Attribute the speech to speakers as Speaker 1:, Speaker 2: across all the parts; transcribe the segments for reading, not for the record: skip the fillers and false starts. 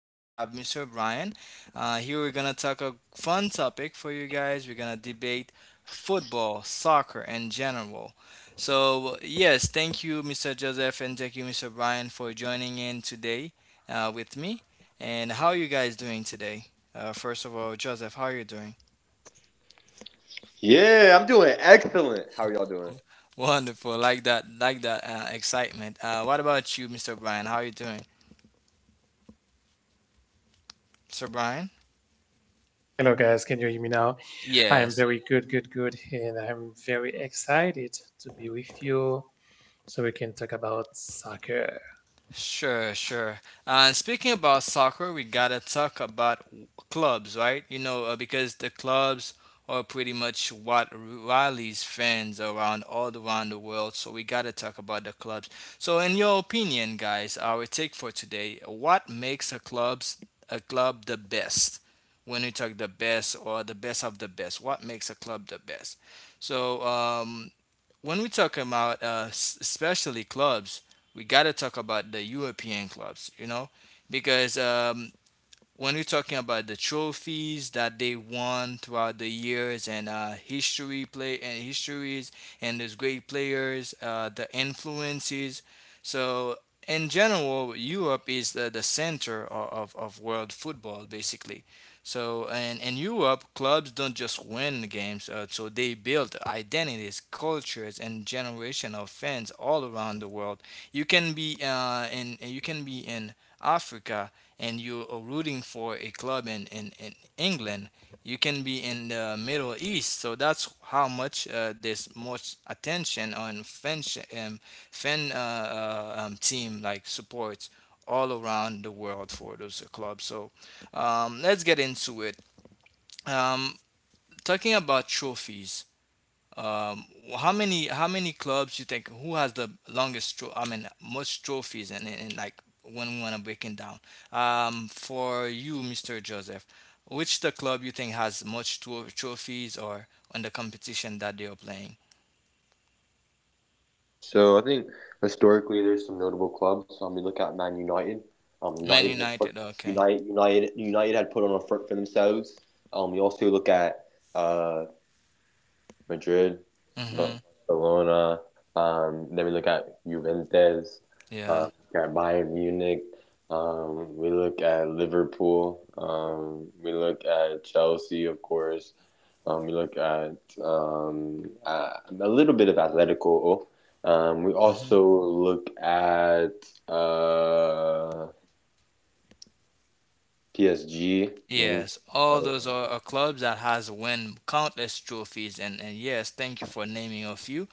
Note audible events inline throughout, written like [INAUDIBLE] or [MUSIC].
Speaker 1: and I have Mr. Brian. Here we're going to talk a fun topic for you guys. We're going to debate football, soccer in general. So, yes, thank you Mr. Joseph and thank you Mr. Brian for joining in today with me. And how are you guys doing today? First of all, Joseph, how are you doing? Wonderful, like that, like that excitement. What about you, Mr. Brian? How are you doing, Mr. Brian?
Speaker 2: Hello, guys. Can you hear me now? I am
Speaker 1: Yes,
Speaker 2: very good, good, good, and I'm very excited to be with you so we can talk about soccer.
Speaker 1: sure, sure. Speaking about soccer, we gotta talk about clubs, right? Because the clubs are pretty much what rallies fans around all around the world. So we gotta talk about the clubs. So, in your opinion, guys, our take for today: what makes a clubs a club the best? When we talk the best or the best of the best, what makes a club the best? So, um, when we talk about especially clubs, we got to talk about the European clubs, because when we're talking about the trophies that they won throughout the years and history play and histories and those great players, the influences. So in general, Europe is the center of world football basically. So and in Europe, clubs don't just win games. So they build identities, cultures, and generation of fans all around the world. You can be in you can be in Africa and you're rooting for a club in England, you can be in the Middle East. So that's how much there's much attention on fan um, fan team like supports all around the world for those clubs. So let's get into it. Um, Talking about trophies. Um, how many how many clubs you think who has the longest I mean most trophies and like when we want to break it down. For you, Mr. Joseph, which the club you think has much trophies or on the competition that they are playing? Man United, okay. Mhm. Yeah. Mm-hmm. Yes, all those are clubs that has won countless trophies, and yes, thank you for naming a few.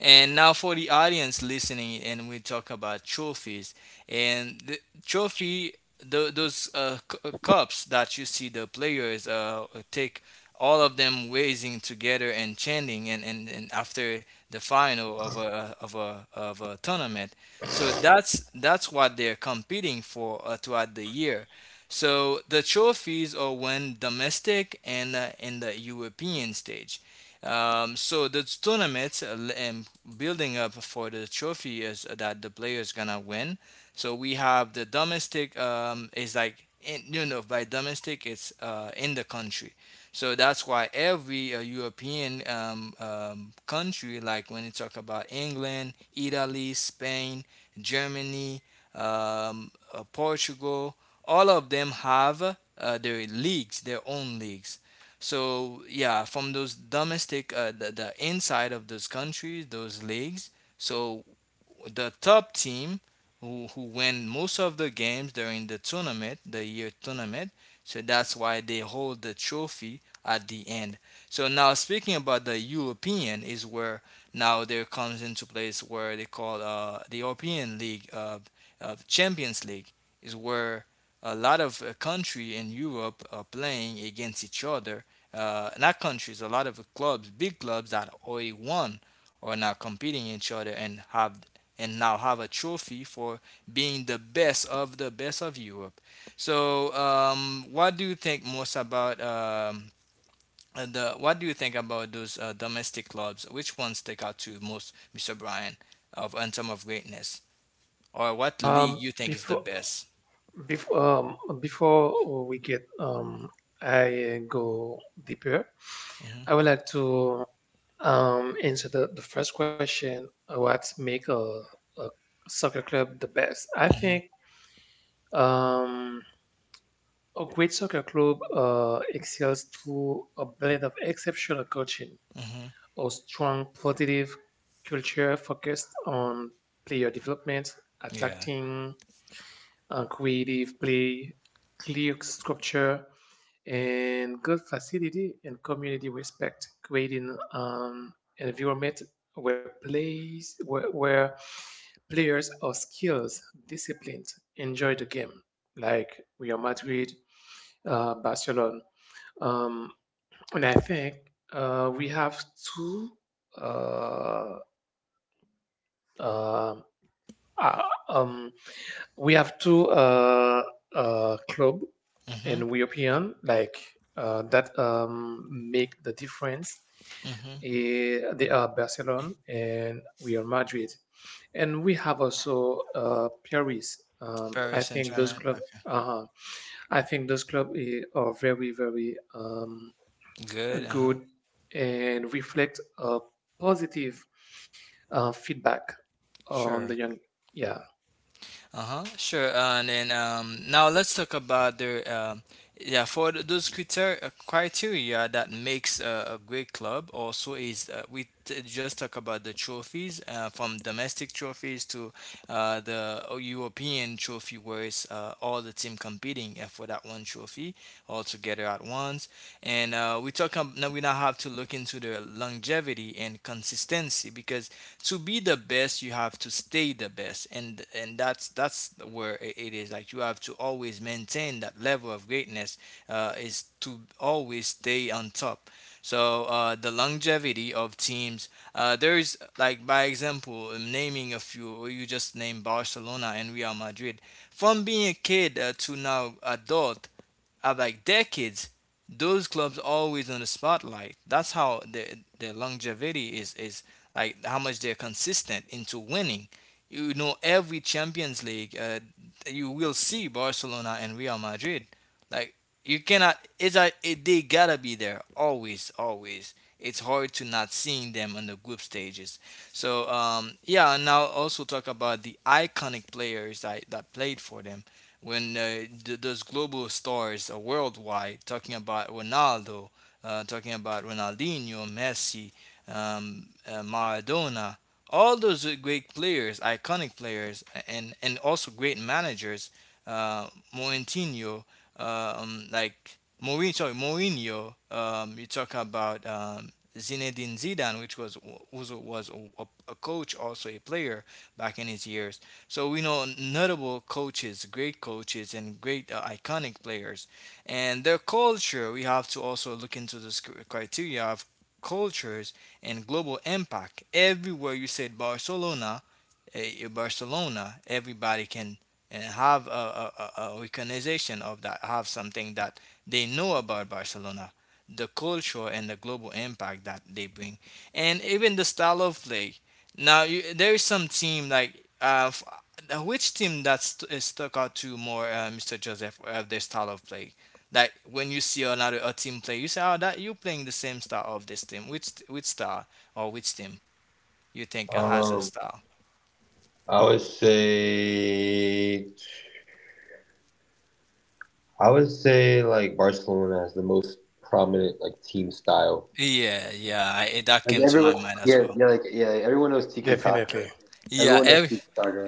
Speaker 1: And now for the audience listening, and we talk about trophies and the trophy, those cups that you see the players take, all of them raising together and chanting, and after the final of a tournament. So that's what they're competing for throughout the year so the trophies are won domestic and in the European stage. So the tournaments um, building up for the trophy is that the player is gonna win. So we have the domestic is like in, you know by domestic it's in the country. So that's why every European country, like when you talk about England, Italy, Spain, Germany, Portugal, all of them have their leagues, their own leagues. So yeah, from those domestic, the inside of those countries, those leagues. So the top team who win most of the games during the tournament, the year tournament. So that's why they hold the trophy at the end. So now speaking about the European is where now there comes into place where they call the European League, Champions League is where a lot of country in Europe are playing against each other. Not countries, a lot of clubs, big clubs that already won are now competing each other and have and now have a trophy for being the best of Europe. So, what do you think most about the? What do you think about those domestic clubs? Which ones stick out to you most, Mr. Brian, of in terms of greatness, or what
Speaker 2: Um,
Speaker 1: league you think is the
Speaker 2: before,
Speaker 1: best?
Speaker 2: before I go deeper.
Speaker 1: Hmm.
Speaker 2: I would like to answer the first question: What make a soccer club the best? I
Speaker 1: Hmm.
Speaker 2: think. Um, A great soccer club excels through a blend of exceptional coaching,
Speaker 1: Hmm.
Speaker 2: a strong positive culture focused on player development,
Speaker 1: Yeah.
Speaker 2: attacking and creative play, clear structure, and good facility and community respect, creating an environment where players are skilled, disciplined, enjoy the game, like Real Madrid, Barcelona, um, and I think we have two. Uh, uh, uh, um, we have two club
Speaker 1: Hmm.
Speaker 2: in European, like that make the difference.
Speaker 1: Hmm.
Speaker 2: They are Barcelona and Real Madrid, and we have also Paris. I
Speaker 1: Paris and
Speaker 2: think those
Speaker 1: German.
Speaker 2: club.
Speaker 1: Okay.
Speaker 2: Uh, I think those club are very very
Speaker 1: Good. Uh huh.
Speaker 2: good and reflect a positive feedback on
Speaker 1: Sure.
Speaker 2: the young. Yeah,
Speaker 1: Uh-huh. Sure. And then now let's talk about the yeah for those criteria criteria that makes a great club. Also, is just talk about the trophies from domestic trophies to the European trophy, where it's all the team competing for that one trophy all together at once. And we talk now we now have to look into the longevity and consistency because to be the best you have to stay the best and that's where it is like you have to always maintain that level of greatness is to always stay on top so the longevity of teams there's like by example naming a few or you just name barcelona and real madrid from being a kid to now adult, like decades, those clubs always on the spotlight. That's how their longevity is like how much they're consistent into winning. You know, every Champions League, you will see Barcelona and Real Madrid. Like you cannot, it's a, it, they gotta be there always, always. It's hard to not seeing them on the group stages. So yeah, and now also talk about the iconic players that, that played for them when those global stars are worldwide talking about Ronaldo, talking about Ronaldinho, Messi, Maradona, all those great players, iconic players, and also great managers, uh, Mourinho, like Mourinho, sorry, Mourinho. You talk about Zinedine Zidane, which was a coach, also a player back in his years. So we know notable coaches, great coaches, and great iconic players, and their culture. We have to also look into this criteria of cultures and global impact. Everywhere you said Barcelona, eh, Barcelona, everybody can eh, have a recognition of that, have something that they know about Barcelona, the culture and the global impact that they bring, and even the style of play. Now, you, there is some team like which team that stuck out to more, Mr. Joseph, of their style of play. Like when you see another a team play, you say, "Oh, that you playing the same style of this team." Which style or which team you think has a style? Yeah, yeah, I, it- that came to my mind as well.
Speaker 2: definitely.
Speaker 1: Yeah, every,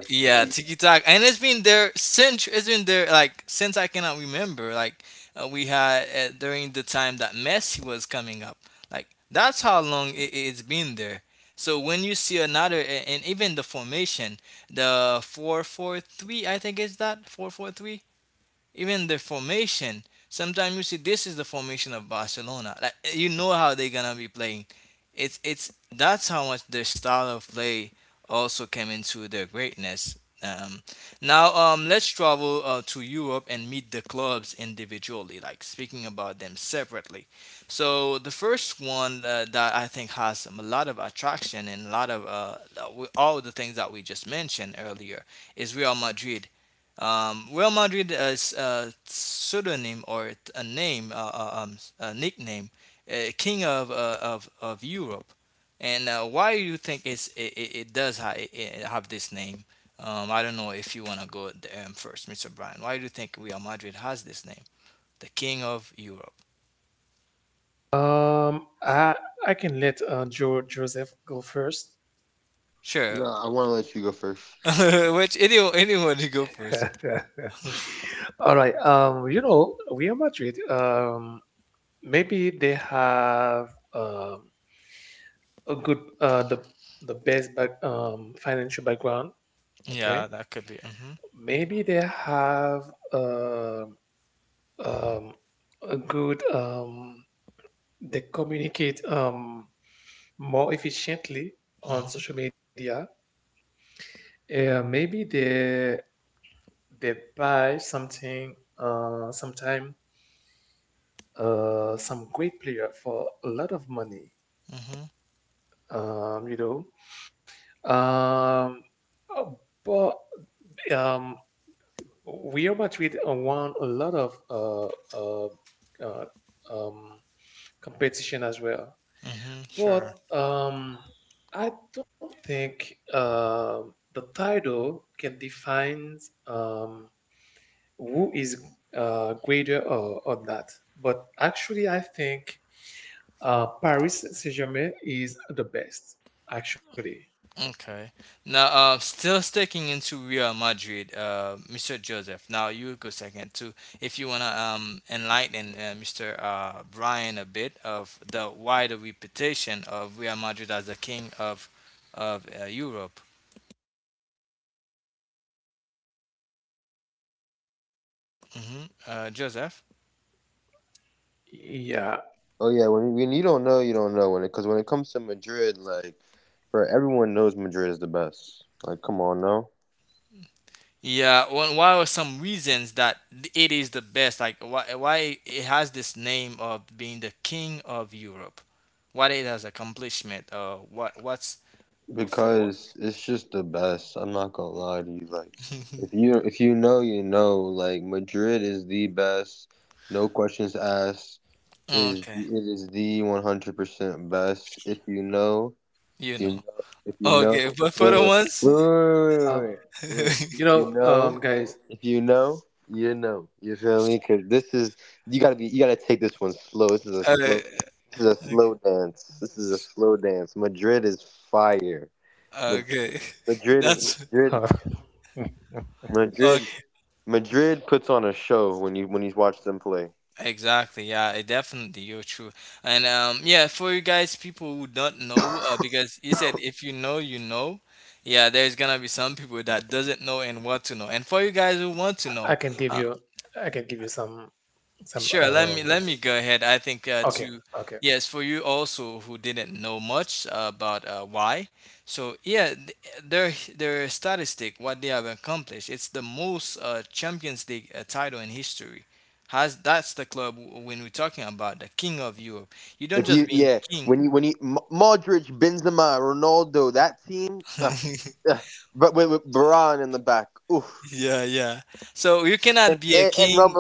Speaker 1: yeah, Tiki Taka, and it's been there since it's been there like since I cannot remember. Like we had during the time that Messi was coming up. Like that's how long it, it's been there. So when you see another, a- and even the formation, the four four three, I think is that four four three even the formation. Sometimes you see this is the formation of Barcelona. Like you know how they're gonna be playing. It's that's how much their style of play also came into their greatness. Um, now let's travel to Europe and meet the clubs individually, like speaking about them separately. So the first one that I think has a lot of attraction and a lot of all the things that we just mentioned earlier is Real Madrid. Real Madrid is a pseudonym or a name, a nickname, king of Europe. And why do you think it's, it does ha- it have this name? I don't know if you want to go there first, Mr. Brian. Why do you think Real Madrid has this name, the king of Europe?
Speaker 2: [LAUGHS] um, I I can let Joseph go first.
Speaker 1: Sure. [LAUGHS] Which anyone anyone you go
Speaker 2: [LAUGHS]
Speaker 1: first?
Speaker 2: All right. Real Madrid. Maybe they have a good, the best back, financial background. Okay.
Speaker 1: Yeah. Mm-hmm.
Speaker 2: Maybe they have um, a good, they communicate more efficiently on social media. Maybe they buy something sometime, some great player for a lot of money.
Speaker 1: Mm-hmm.
Speaker 2: Um, you know, um, uh, but um, Real Madrid won a lot of uh, uh, um, competition as well.
Speaker 1: Mm-hmm. Sure.
Speaker 2: But I don't think the title can define um, who is greater or not. But actually, I think Paris Saint Germain is the best, actually.
Speaker 1: Okay. Now, still sticking into Real Madrid, Mr. Joseph. Now you go second too, if you wanna enlighten Mr. Brian a bit of the wider reputation of Real Madrid as the king of Europe. Hmm. Joseph.
Speaker 2: Yeah.
Speaker 1: Yeah. Well, why are some reasons that it is the best? Like why it has this name of being the king of Europe? What it has accomplishment? What what's for what? [LAUGHS] Oh, okay, you know. Okay, but for the ones,
Speaker 2: Um, you
Speaker 1: [LAUGHS]
Speaker 2: know, um, guys,
Speaker 1: uh, okay, [LAUGHS] that's
Speaker 2: uh, [LAUGHS]
Speaker 1: okay. Exactly, yeah, it definitely you're true. And yeah, for you guys, people who don't know, because you said if you know, you know. Yeah, there's gonna be some people that doesn't know and want to know. And for you guys who want to
Speaker 2: I
Speaker 1: know,
Speaker 2: can give
Speaker 1: uh,
Speaker 2: you, I can give you some.
Speaker 1: sure, let me go ahead. I think
Speaker 2: Okay,
Speaker 1: to
Speaker 2: okay.
Speaker 1: yes, for you also who didn't know much about why. So yeah, their their statistic, what they have accomplished, it's the most Champions League title in history. Has That's the club when we're talking about the king of Europe. You don't just being king. [LAUGHS] Yeah, yeah. So you cannot be a king.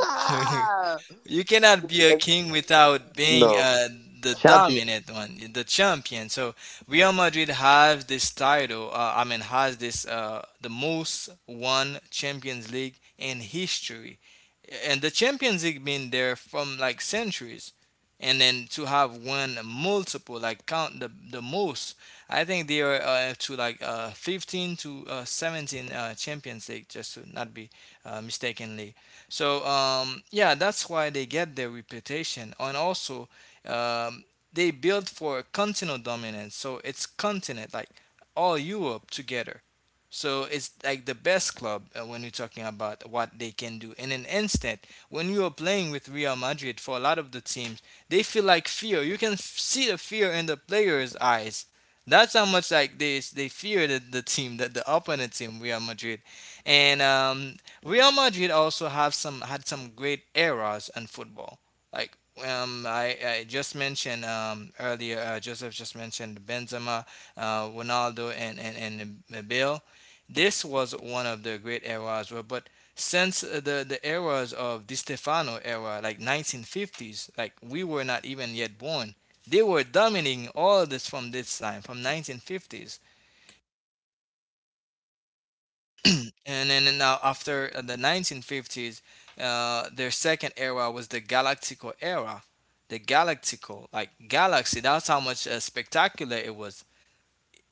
Speaker 1: [LAUGHS] You cannot be a king without being the dominant one, the champion. So Real Madrid has this title. I mean, has this the most won Champions League in history, and the Champions League been there from like centuries. And then to have won multiple, like count the most, I think they are up to like 15 to 17 Champions League, just to not be mistakenly. So yeah, that's why they get their reputation, and also um, they build for continental dominance. So it's continent like all Europe together. So it's like the best club when you're talking about what they can do in an instant. When you are playing with Real Madrid, for a lot of the teams, they feel like fear. You can see the fear in the players' eyes. That's how much like they fear the team, that the opponent team, Real Madrid, and Real Madrid also have some had some great eras in football. Like I just mentioned earlier, Joseph just mentioned Benzema, Ronaldo, and and Bale. This was one of the great eras, well, but since the eras of Di Stefano era, like 1950s, like we were not even yet born, they were dominating all of this from this time, from 1950s. And then now after the 1950s, their second era was the Galactico era. The Galactico, like galaxy, that's how much spectacular it was.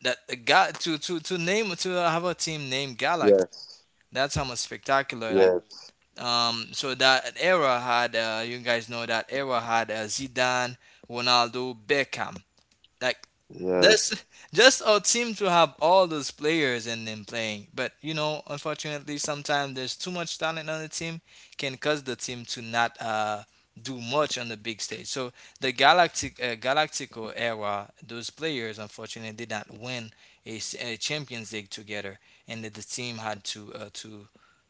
Speaker 1: That the ga- to name to have a team named Galaxy, that's how much spectacular like. So that era had, you guys know that era had Zidane, Ronaldo, Beckham. Like that's just our team to have all those players and them playing. But you know, unfortunately, sometimes there's too much talent on the team, can cause the team to not do much on the big stage. So the Galactico era, those players unfortunately did not win a Champions League together, and that the team had to,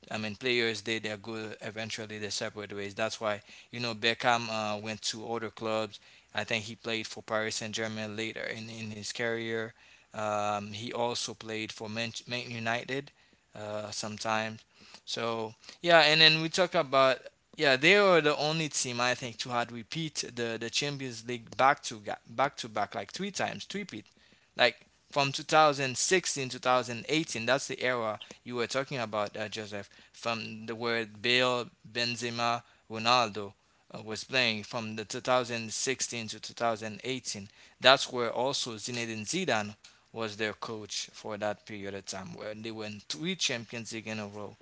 Speaker 1: I mean, players they're good. Eventually, they separate ways. That's why you know Beckham went to other clubs. I think he played for Paris Saint Germain later in his career. He also played for Man United sometimes. So yeah, and then we talk about, yeah, they are the only team I think to had repeat the Champions League back to back like three times, three peat, like from 2016 2018. That's the era you were talking about, Joseph, from the word Bill Benzema, Ronaldo, was playing from the 2016 to 2018. That's where also Zinedine Zidane was their coach for that period of time where they won three Champions League in a row.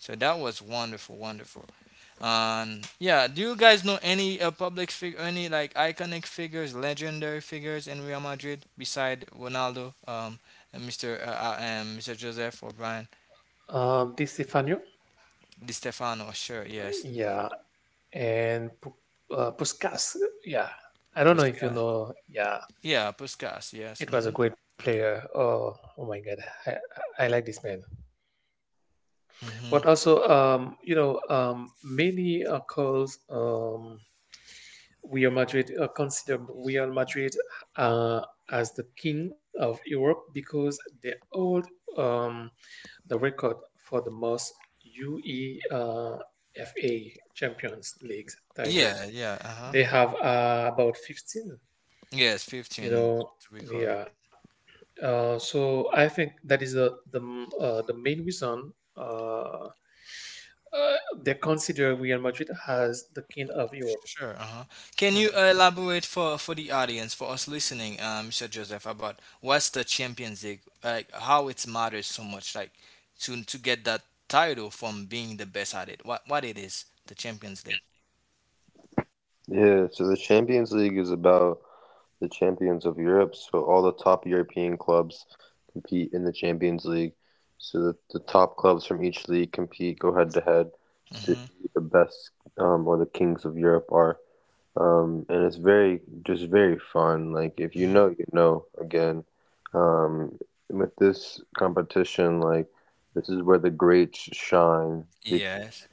Speaker 1: So that was wonderful, wonderful. And yeah, do you guys know any public figure, any like iconic figures, legendary figures in Real Madrid beside Ronaldo, and Mr. Joseph O'Brien?
Speaker 2: Di Stefano,
Speaker 1: Di Stefano? Sure, yes.
Speaker 2: yeah, and Puskas, yeah. I don't know if you
Speaker 1: Puskas.
Speaker 2: know, yeah,
Speaker 1: Yeah, Puskas. Yes.
Speaker 2: it was
Speaker 1: Mm-hmm.
Speaker 2: a great player. Oh, oh my God, I like this man. But
Speaker 1: Mm-hmm.
Speaker 2: also, many calls, Real Madrid, consider Real Madrid uh, as the king of Europe because they hold um, the record for the most UEFA Champions League titles.
Speaker 1: Yeah. Yeah. Uh huh.
Speaker 2: They have about 15.
Speaker 1: Yes.
Speaker 2: You
Speaker 1: 15
Speaker 2: know,
Speaker 1: to record.
Speaker 2: they are. So I think that is the main reason uh, uh, they consider Real Madrid as the king of Europe.
Speaker 1: Sure. Uh huh. Can you
Speaker 2: Mhm.
Speaker 1: elaborate for the audience, for us listening, Mr. Joseph, about what's the Champions League like? How it matters so much, like to get that title from being the best at it. What it is, the Champions League. Mm-hmm. Mm-hmm. Yes.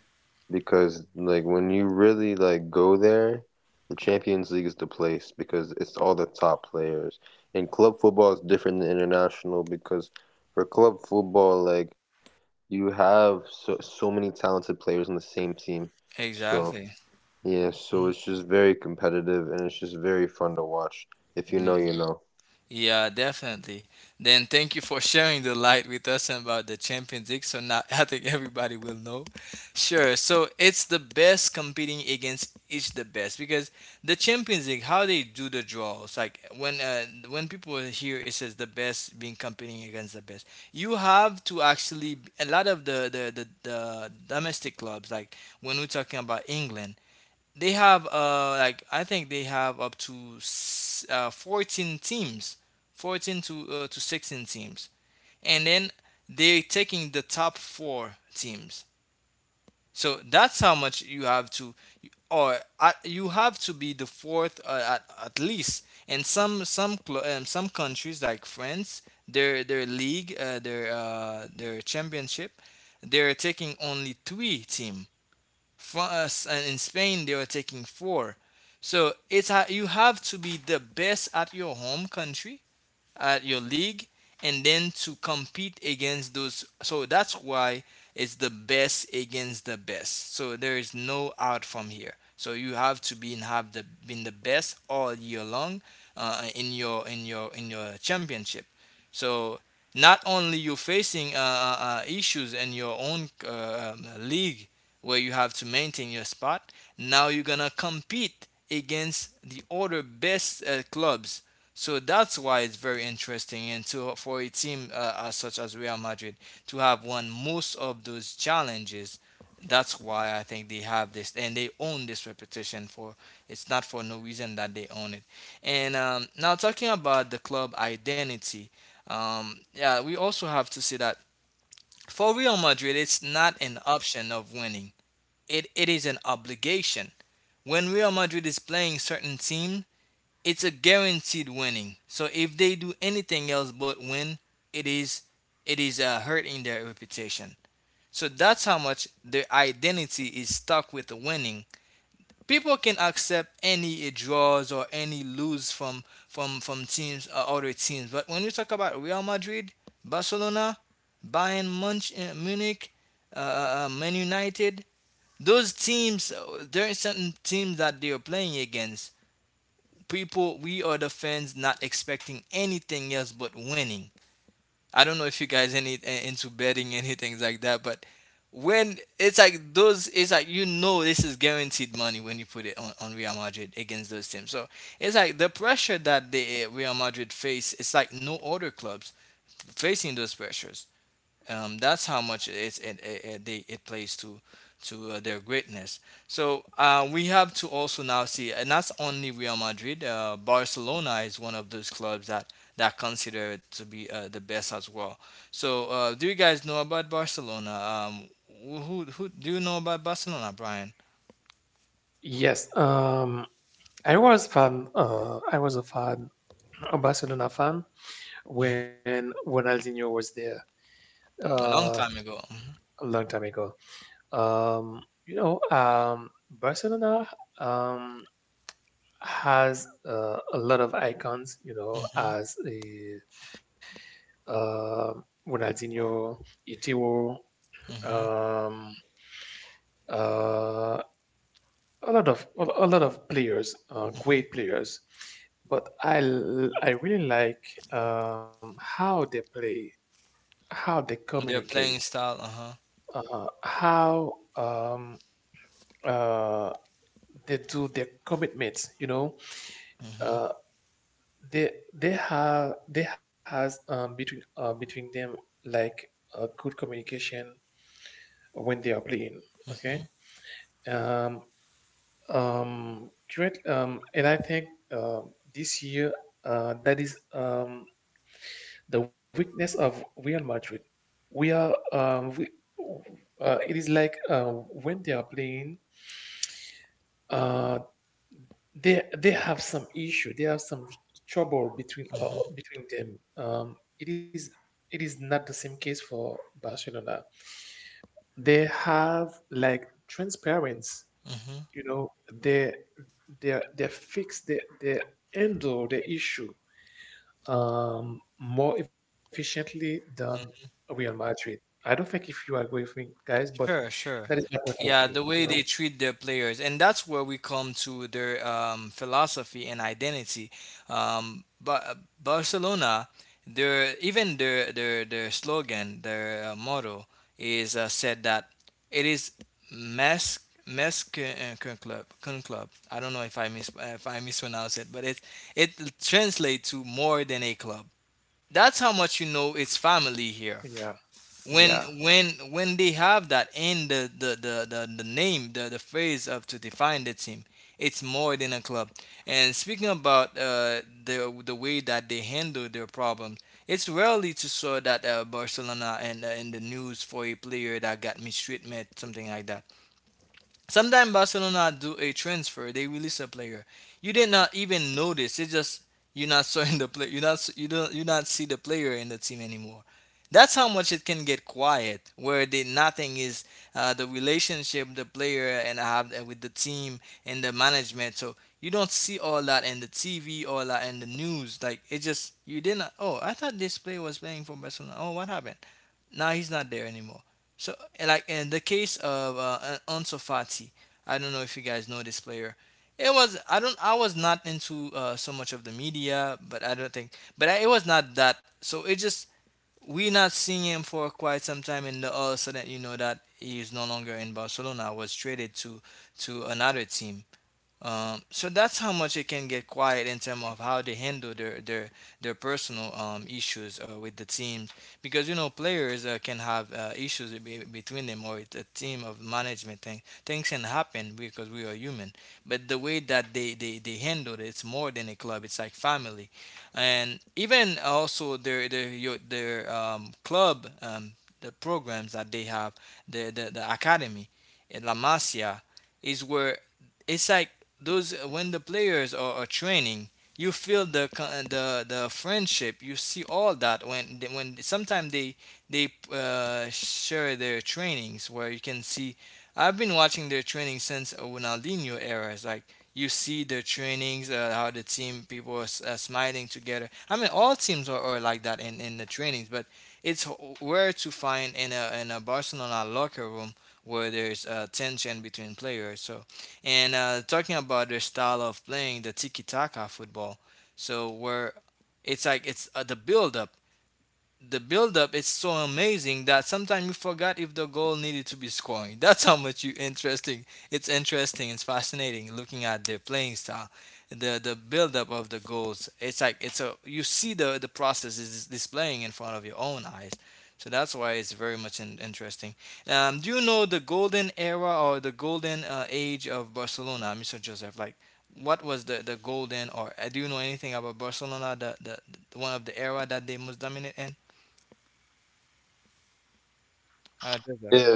Speaker 1: Exactly. Mhm. Yeah, definitely. Then thank you for sharing the light with us about the Champions League. So now [LAUGHS] I think everybody will know. Sure. So it's the best competing against each the best because the Champions League, how they do the draws, like when people hear it says the best being competing against the best, you have to actually a lot of the domestic clubs, like when we're talking about England, they have like I think they have up to 14 teams, 14 to 16 teams, and then they're taking the top four teams. So that's how much you have to, or at, you have to be the fourth at least. And some some countries like France, their league, their championship, they're taking only three team. France, and in Spain they were taking four. So you have to be the best at your home country, at your league, and then to compete against those, so that's why it's the best against the best, so there is no out from here, so you have to be and have the been the best all year long in your championship. So not only you're facing issues in your own league where you have to maintain your spot, now you're gonna compete against the other best clubs, so that's why it's very interesting, and so for a team as such as Real Madrid to have won most of those challenges, that's why I think they have this and they own this reputation for. It's not for no reason that they own it. And now talking about the club identity, yeah, we also have to say that for Real Madrid, it's not an option of winning. It is an obligation. When Real Madrid is playing certain teams, it's a guaranteed winning. So if they do anything else but win, it is it is hurting their reputation. So that's how much their identity is stuck with the winning. People can accept any draws or any lose from teams or other teams, but when you talk about Real Madrid, Barcelona, Bayern Munich, Man United, those teams, there are certain teams that they are playing against, people, we are the fans, not expecting anything else but winning. I don't know if you guys any into betting and things like that, but when it's like those, it's like you know this is guaranteed money when you put it on Real Madrid against those teams. So it's like the pressure that the Real Madrid face, it's like no other clubs facing those pressures. That's how much it's, it, they, it plays to their greatness. So we have to also now see, and that's only Real Madrid. Barcelona is one of those clubs that consider it to be the best as well. So do you guys know about Barcelona? Um, who do you know about Barcelona, Brian?
Speaker 2: Yes, I was fan. I was a fan, a Barcelona fan
Speaker 1: Hmm.
Speaker 2: when Ronaldinho was there,
Speaker 1: A
Speaker 2: uh,
Speaker 1: long time ago.
Speaker 2: a long time ago. Barcelona. Um, has a lot of icons,
Speaker 1: Hmm
Speaker 2: as a uh, Ronaldinho, Itiwo,
Speaker 1: hmm. Hmm
Speaker 2: um, uh, a lot of a lot of players,
Speaker 1: hmm.
Speaker 2: great players. But I really like how they play, how they
Speaker 1: Their
Speaker 2: communicate,
Speaker 1: playing style. Uh huh.
Speaker 2: how uh, they do their commitments.
Speaker 1: Hmm
Speaker 2: Uh. They have they has between between them, like a good communication when they are playing, okay, um um great. And I think uh this year, that is the weakness of Real Madrid. We are we It is like, when they are playing, uh they have some issue. They have some trouble between,
Speaker 1: hmm
Speaker 2: between them. Um it is it is not the same case for Barcelona. They have, like, transparency.
Speaker 1: hmm.
Speaker 2: you know they they fix, they handle the issue more efficiently than Real Madrid. I don't think if you agree with me, guys, but
Speaker 1: Sure,
Speaker 2: that is
Speaker 1: sure.
Speaker 2: my point of view
Speaker 1: Yeah, the
Speaker 2: you know
Speaker 1: way they treat their players, and that's where we come to their philosophy and identity. But Barcelona, their even their slogan, their motto is said that it is mes mes con club con club. I don't know if I mispronounce it, but it translates to more than a club. That's how much you know it's family here
Speaker 2: Yeah,
Speaker 1: when
Speaker 2: yeah.
Speaker 1: when they have that in the name the phrase of to define the team, it's more than a club. And speaking about the way that they handle their problems, it's rarely to saw that Barcelona and in the news for a player that got mistreatment something like that. Sometimes Barcelona do a transfer, they release a player. You did not even notice. It's just you're not seeing [LAUGHS] the play. You're not you not see the player in the team anymore. That's how much it can get quiet, where the nothing is the relationship the player and have with the team and the management. So you don't see all that in the TV, all that in the news. Like it just you didn't. Oh, I thought this player was playing for Barcelona. Oh, what happened? Now he's not there anymore. So, like in the case of Ansu Fati, I don't know if you guys know this player. It was I don't I was not into so much of the media, but I don't think, but I, it was not that. So it just we not seeing him for quite some time, and all of a sudden you know that he is no longer in Barcelona. Was traded to another team. So that's how much it can get quiet in terms of how they handle their personal issues with the teams, because you know players can have issues between them, or it's a team of management things can happen because we are human. But the way that they handle it, it's more than a club, it's like family. And even also their club, the programs that they have, the academy, La Masia, is where, it's like, those when the players are training, you feel the the friendship. You see all that when when sometimes they share their trainings, where you can see, I've been watching their training since Ronaldinho era. It's like you see their trainings, how the team people are smiling together. I mean all teams are like that in the trainings, but it's rare to find in a Barcelona locker room where there's tension between players. So, and talking about their style of playing, the tiki taka football. So where it's like it's the build up, the buildup is so amazing that sometimes you forgot if the goal needed to be scoring. [LAUGHS] That's how much you interesting. It's interesting. It's fascinating looking at their playing style, the buildup of the goals. It's like it's a you see the process is displaying in front of your own eyes. So that's why it's very much interesting. Do you know the golden era or the golden age of Barcelona, Mr. Joseph? Like, what was the golden, or do you know anything about Barcelona? The one of the era that they most dominate in? Joseph.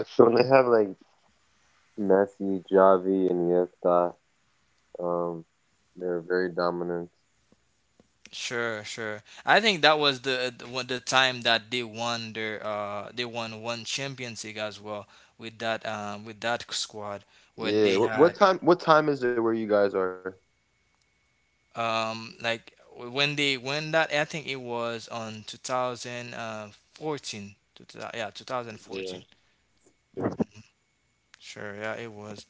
Speaker 1: Sure, sure. I think that was the time that they won their they won one Champions League as well, with that squad, when they had, like when they when that I think it was on 2014, yeah, 2014. Sure. Yeah, it was,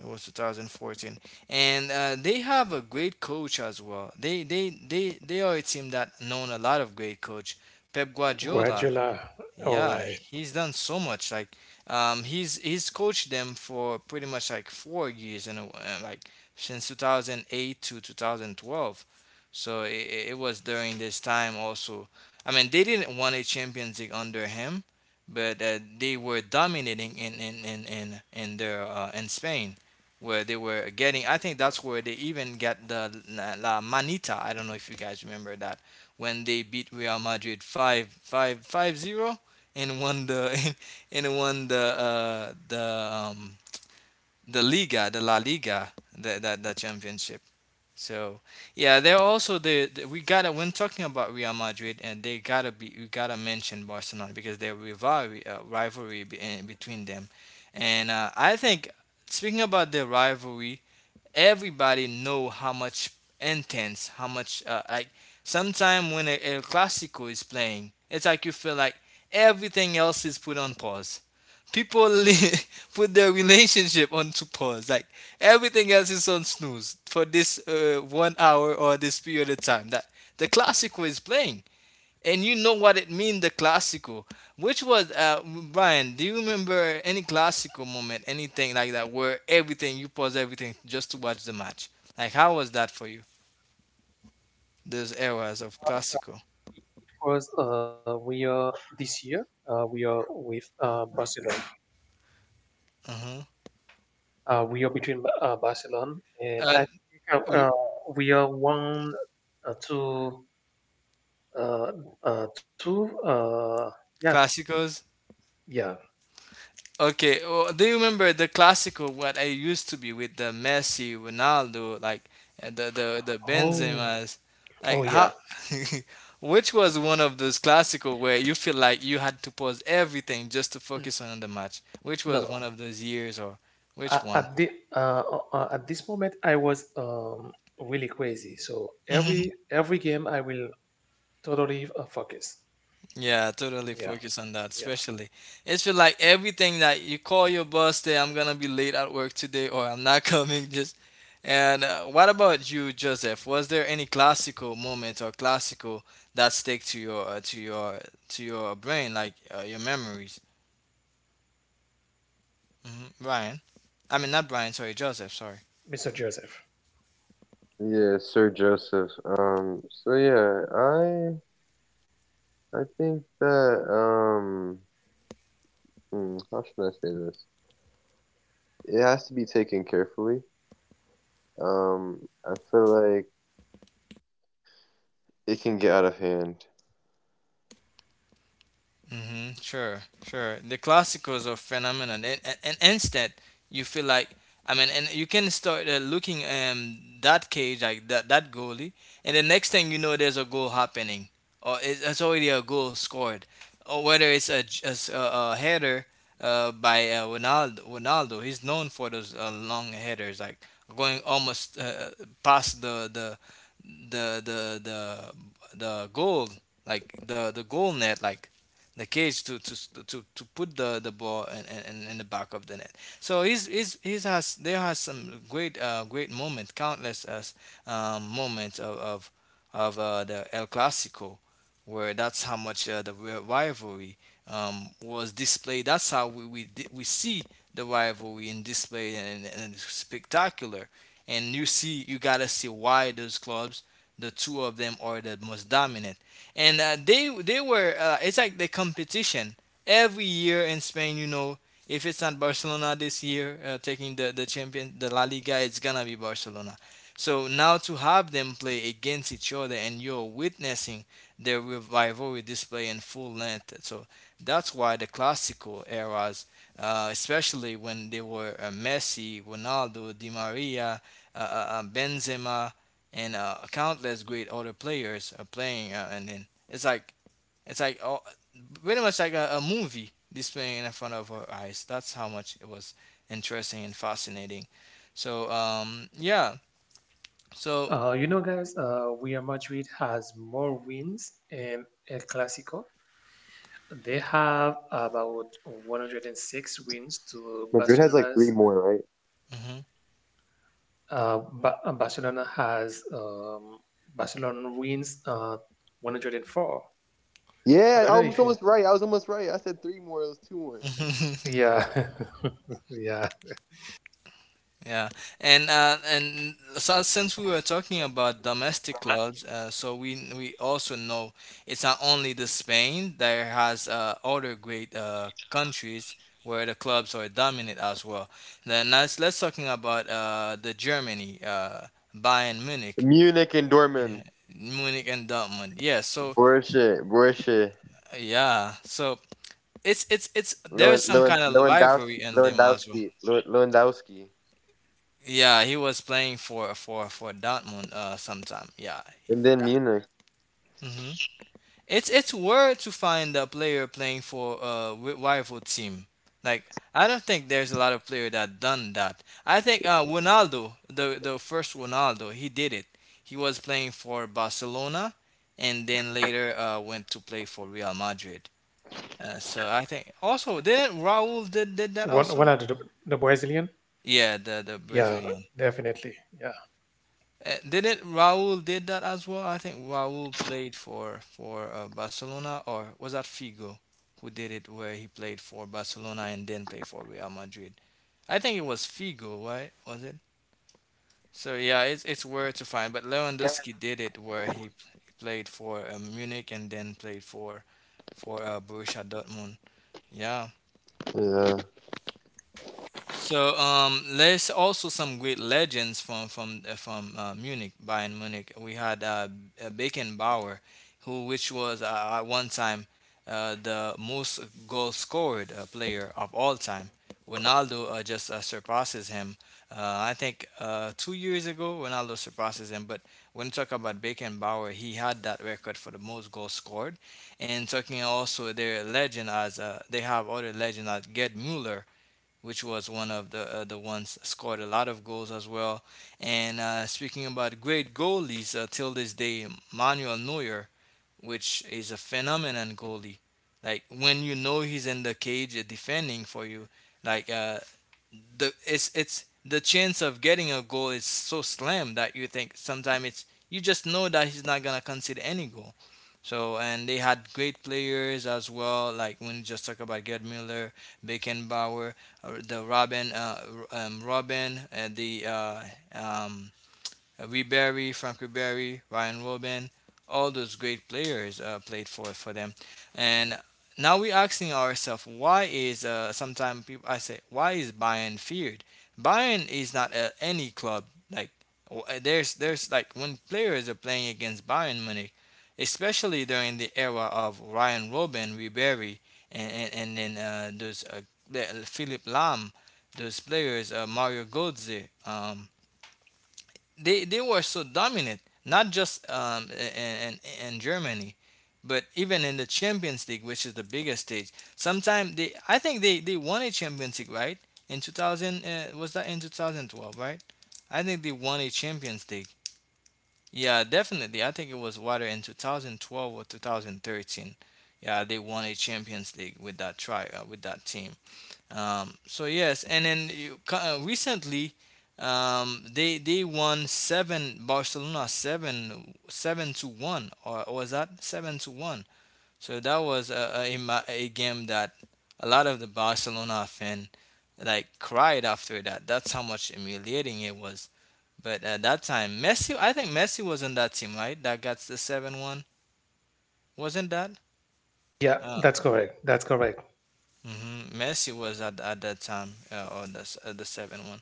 Speaker 1: it was 2014. And they have a great coach as well. They are a team that known a lot of great coach. Pep Guardiola.
Speaker 2: Guardiola. All
Speaker 1: Yeah,
Speaker 2: right.
Speaker 1: he's done so much. Like, he's coached them for pretty much like four years, and like since 2008 to 2012. So it was during this time also. I mean, they didn't win a Champions League under him, but they were dominating in their in Spain, where they were getting. I think that's where they even got the La Manita. I don't know if you guys remember that, when they beat Real Madrid five five five zero and won the [LAUGHS] and won the the Liga, the La Liga, that that championship. So yeah, they're also the, we gotta when talking about Real Madrid, and they gotta be we gotta mention Barcelona because their rivalry in between them. And I think speaking about their rivalry, everybody know how much intense, how much like sometimes when a classical is playing, it's like you feel like everything else is put on pause. People [LAUGHS] put their relationship onto pause. Like everything else is on snooze for this one hour or this period of time that the classical is playing. And you know what it mean, the classical. Which was, Brian, do you remember any classical moment, anything like that, where everything, you pause everything just to watch the match? Like, how was that for you? Those eras of classical.
Speaker 2: It was, we are this year, we are with Barcelona.
Speaker 1: Uh-huh.
Speaker 2: We are between Barcelona, and
Speaker 1: Uh,
Speaker 2: I think
Speaker 1: r-
Speaker 2: we are one, two, uh, two. Yeah,
Speaker 1: classicals?
Speaker 2: yeah.
Speaker 1: Okay, well, do you remember the classical what I used to be with the Messi, Ronaldo, like, and the
Speaker 2: Oh,
Speaker 1: Benzemas, like
Speaker 2: oh yeah.
Speaker 1: how, [LAUGHS] which was one of those classical where you feel like you had to pause everything just to
Speaker 2: N-
Speaker 1: focus on the match? Which was
Speaker 2: No,
Speaker 1: one of those years, or which one?
Speaker 2: at the at this moment I was really crazy. So every
Speaker 1: [LAUGHS]
Speaker 2: every game I will totally focus.
Speaker 1: Yeah, totally
Speaker 2: Yeah.
Speaker 1: focus on that.
Speaker 2: Yeah.
Speaker 1: Especially, it's feel like everything that you call your boss, say I'm gonna be late at work today, or I'm not [LAUGHS] coming. Just, and what about you, Joseph? Was there any classical moment or classical that stick to your to your brain, like your memories? Hmm. Brian, I mean not Brian. Sorry, Joseph. Sorry.
Speaker 2: Mr. Joseph.
Speaker 1: Hmm. Sure, sure. The classicals are phenomenon, and instant. You feel like, I mean, and you can start looking that cage like that goalie, and the next thing you know, there's a goal happening, or it's already a goal scored, or whether it's a a header by Ronaldo. Ronaldo, he's known for those long headers, like going almost past the goal, like the goal net, like the cage to to put the ball in, in the back of the net. So he's has some great great moments, countless as moments of the El Clasico, where that's how much rivalry was displayed. That's how we see the rivalry in display, and it's spectacular. And you see, you gotta see why those clubs, the two of them, are the most dominant. And they were. It's like the competition every year in Spain. You know, if it's not Barcelona this year taking the champion, the La Liga, it's gonna be Barcelona. So now to have them play against each other and you're witnessing their rivalry display in full length. So that's why the classical eras, especially when they were Messi, Ronaldo, Di Maria, Benzema, and countless great other players are playing, and then it's like, it's like, oh, pretty much like a movie displaying in front of our eyes. That's how much it was interesting and fascinating. So yeah, so
Speaker 2: Guys, Real Madrid has more wins in El Clasico. They have about 106 wins to Barcelona's. Uh, ba- uh, Barcelona has um, Barcelona wins 104. I don't know if you.
Speaker 1: mhm. [LAUGHS]
Speaker 2: Yeah, [LAUGHS] yeah.
Speaker 1: Yeah, and so since we were talking about domestic clubs, so we also know it's not only the Spain there has other great countries where the clubs are dominant as well. Then let's talking about the Germany, Bayern Munich, Munich and Dortmund. Yeah, so yeah, so it's there's some kind of rivalry in them as well. Yeah, he was playing for Dortmund sometime. Yeah. Hmm it's weird to find a player playing for a rival team. Like, I don't think there's a lot of player that done that. I think Ronaldo, the first Ronaldo, he did it. He was playing for Barcelona, and then later went to play for Real Madrid. So I think also didn't Raul did that
Speaker 2: One
Speaker 1: also?
Speaker 2: one out of the Brazilian.
Speaker 1: Yeah, the
Speaker 2: Yeah,
Speaker 1: Brazilian.
Speaker 2: definitely. Yeah,
Speaker 1: Didn't Raul did that as well? I think Raul played for Barcelona, or was that Figo, who did it, where he played for Barcelona and then played for Real Madrid? I think it was Figo, right? Was it? So yeah, it's where to find. But Lewandowski did it, where played for Munich, and then played for Borussia Dortmund. Yeah. So there's also some great legends from Munich, Bayern Munich. We had Beckenbauer, who, which was at one time the most goal scored player of all time. Ronaldo just surpasses him. Uh, I think two years ago, Ronaldo surpasses him. But when you talk about Beckenbauer, he had that record for the most goals scored. And talking also their legend as they have other legend as Gerd Müller, which was one of the ones scored a lot of goals as well. And speaking about great goalies, till this day, Manuel Neuer, which is a phenomenon goalie. Like when you know he's in the cage defending for you, like the it's the chance of getting a goal is so slim that you think sometimes it's, you just know that he's not gonna concede any goal. So and they had great players as well, like when you just talk about Gerd Miller, Beckenbauer, or the Robin, Robin, and the um, Ribery, Franck Ribery, Ryan Robben, all those great players played for them. And now we're asking ourselves, why is, sometimes people I say, why is Bayern feared? Bayern is not any club. Like, there's like when players are playing against Bayern Munich, especially during the era of Ryan Robben, Ribery, and then those Philip Lahm, those players, Mario Götze, they were so dominant, not just in, in Germany, but even in the Champions League, which is the biggest stage. Sometimes I think they won a Champions League, right? Was that in 2012, right? I think they won a Champions League. Yeah, definitely. I think it was water in 2012 or 2013. Yeah, they won a Champions League with that team. So yes, and then recently, they won seven Barcelona seven seven to one, or was that seven to one? So that was a game that a lot of the Barcelona fan like cried after that. That's how much humiliating it was. But at that time, I think Messi was in that team, right? That got the 7-1, wasn't that?
Speaker 2: yeah.
Speaker 1: Uh,
Speaker 2: That's correct. That's correct.
Speaker 1: Messi was at that time, on the 7-1.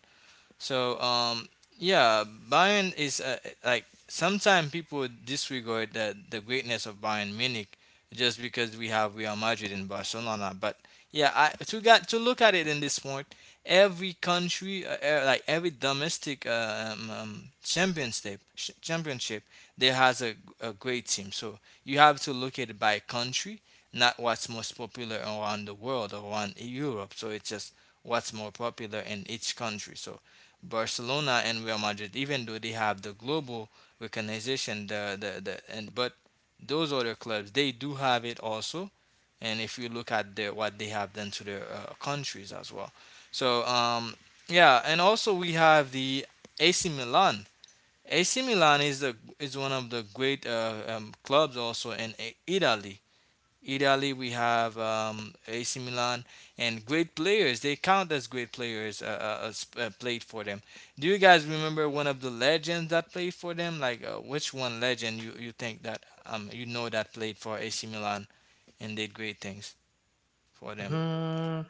Speaker 1: So, yeah, Bayern is like sometimes people disregard the greatness of Bayern Munich just because we have Real Madrid and Barcelona. But yeah, I to got to look at it in this point. Every country, like every domestic, championship, there has a great team. So you have to look at it by country, not what's most popular around the world or around Europe. So it's just what's more popular in each country. So Barcelona and Real Madrid, even though they have the global recognition, the and but those other clubs they do have it also, and if you look at the what they have done to their countries as well. So, yeah, and also we have the AC Milan. AC Milan is the is one of the great clubs also in Italy. We have AC Milan, and great players. They count as great players. Played for them. Do you guys remember one of the legends that played for them? Like, which one legend you think that you know that played for AC Milan and did great things for them?
Speaker 2: Hmm.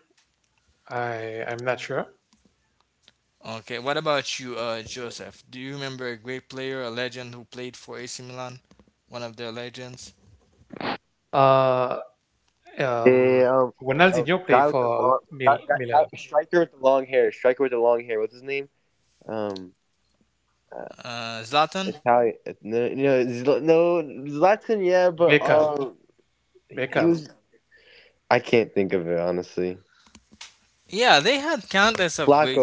Speaker 2: I'm not sure.
Speaker 1: Okay, what about you, Joseph? Do you remember a great player, a legend who played for AC Milan? One of their legends,
Speaker 2: Uh, um, Ronaldinho play for Milan.
Speaker 1: Zlatan.
Speaker 2: Beckham. Beckham.
Speaker 1: Yeah, they had countless of great.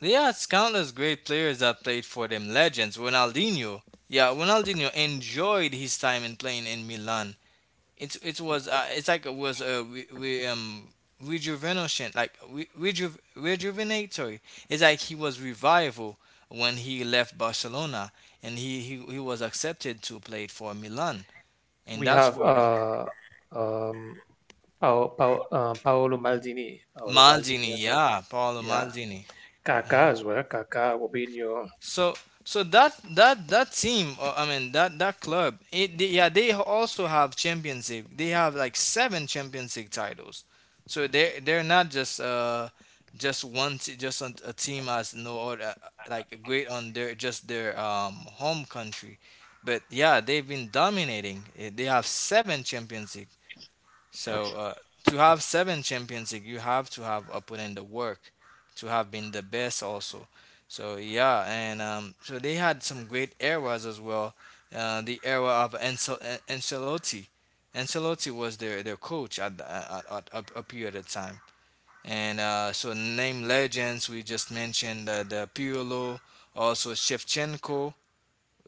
Speaker 1: Yeah, it's countless great players that played for them, legends. Ronaldinho. Yeah, Ronaldinho enjoyed his time in playing in Milan. It was it's like it was a rejuvenation, like rejuvenatory. It's like he was revival when he left Barcelona and he was accepted to play for Milan. And
Speaker 2: We
Speaker 1: that's
Speaker 2: have
Speaker 1: where
Speaker 2: um Paolo Maldini. Paolo Maldini
Speaker 1: Maldini,
Speaker 2: as well.
Speaker 1: yeah, Paolo
Speaker 2: Yeah.
Speaker 1: Maldini.
Speaker 2: Kaká as well. Kaká, Robinho.
Speaker 1: So so that team, I mean that club, yeah, they also have Champions League. They have like seven Champions League titles. So they're not just just just a team as no other, like, great on their, just their home country. But yeah, they've been dominating. They have seven Champions League. So, to have seven Champions League, you have to have put in the work to have been the best also. So yeah, and, so they had some great eras as well. The era of Ancelotti. Ancelotti was their coach at, the- at a period of time. And so name legends, we just mentioned the Pirlo, also Shevchenko,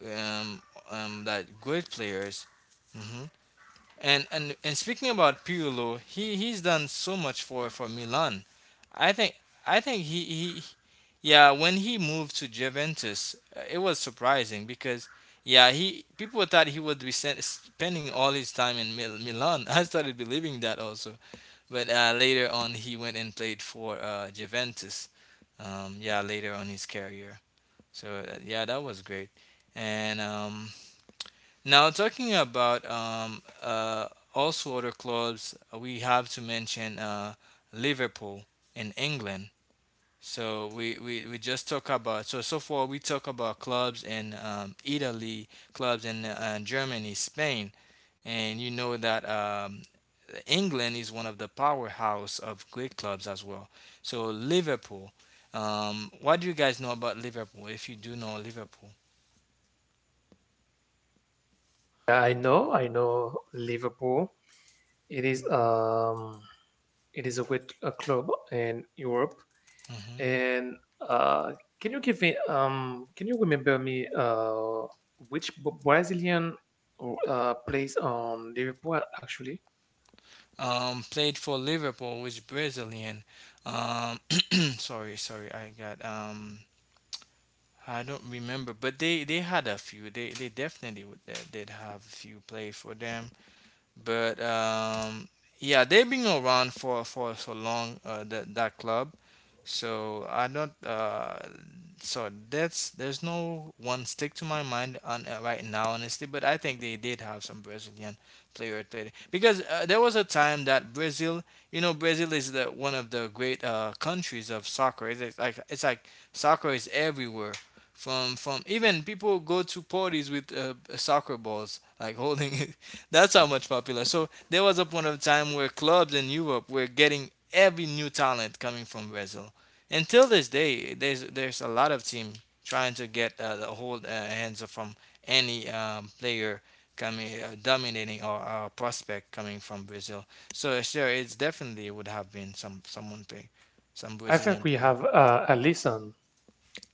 Speaker 1: um, that great players. Mm-hmm. And speaking about Pirlo, he's done so much for Milan. I think I think he yeah, when he moved to Juventus, it was surprising because yeah, he people thought he would be spending all his time in Milan. [LAUGHS] I started believing that also, but later on he went and played for Juventus. Yeah, later on his career. So, yeah, that was great. And, now talking about also other clubs, we have to mention Liverpool in England. So we just talk about, so far we talk about clubs in, Italy, clubs in Germany, Spain, and you know that, England is one of the powerhouse of great clubs as well. So Liverpool, what do you guys know about Liverpool? If you do know Liverpool.
Speaker 2: Yeah, I know. I know Liverpool. It is um it is a good, a club in Europe.
Speaker 1: hmm
Speaker 2: And can you remember me, which Brazilian plays on Liverpool actually?
Speaker 1: Played for Liverpool, was Brazilian. Um, [CLEARS THROAT] sorry, I got I don't remember, but they had a few. They definitely they did have a few play for them, but yeah, they've been around for so long, that club. So I don't. So that's there's no one stick to my mind on, right now, honestly. But I think they did have some Brazilian player played, because there was a time that Brazil, you know, Brazil is the one of the great countries of soccer. It's it's like soccer is everywhere, from even people go to parties with soccer balls like [LAUGHS] holding it. That's how much popular. So there was a point of time where clubs in Europe were getting every new talent coming from Brazil. Until this day, there's a lot of team trying to get the whole, hands from any, player coming, dominating, or prospect coming from Brazil. So sure, it's definitely would have been some someone play some
Speaker 2: I think
Speaker 1: Brazilian
Speaker 2: we
Speaker 1: player.
Speaker 2: have Alisson.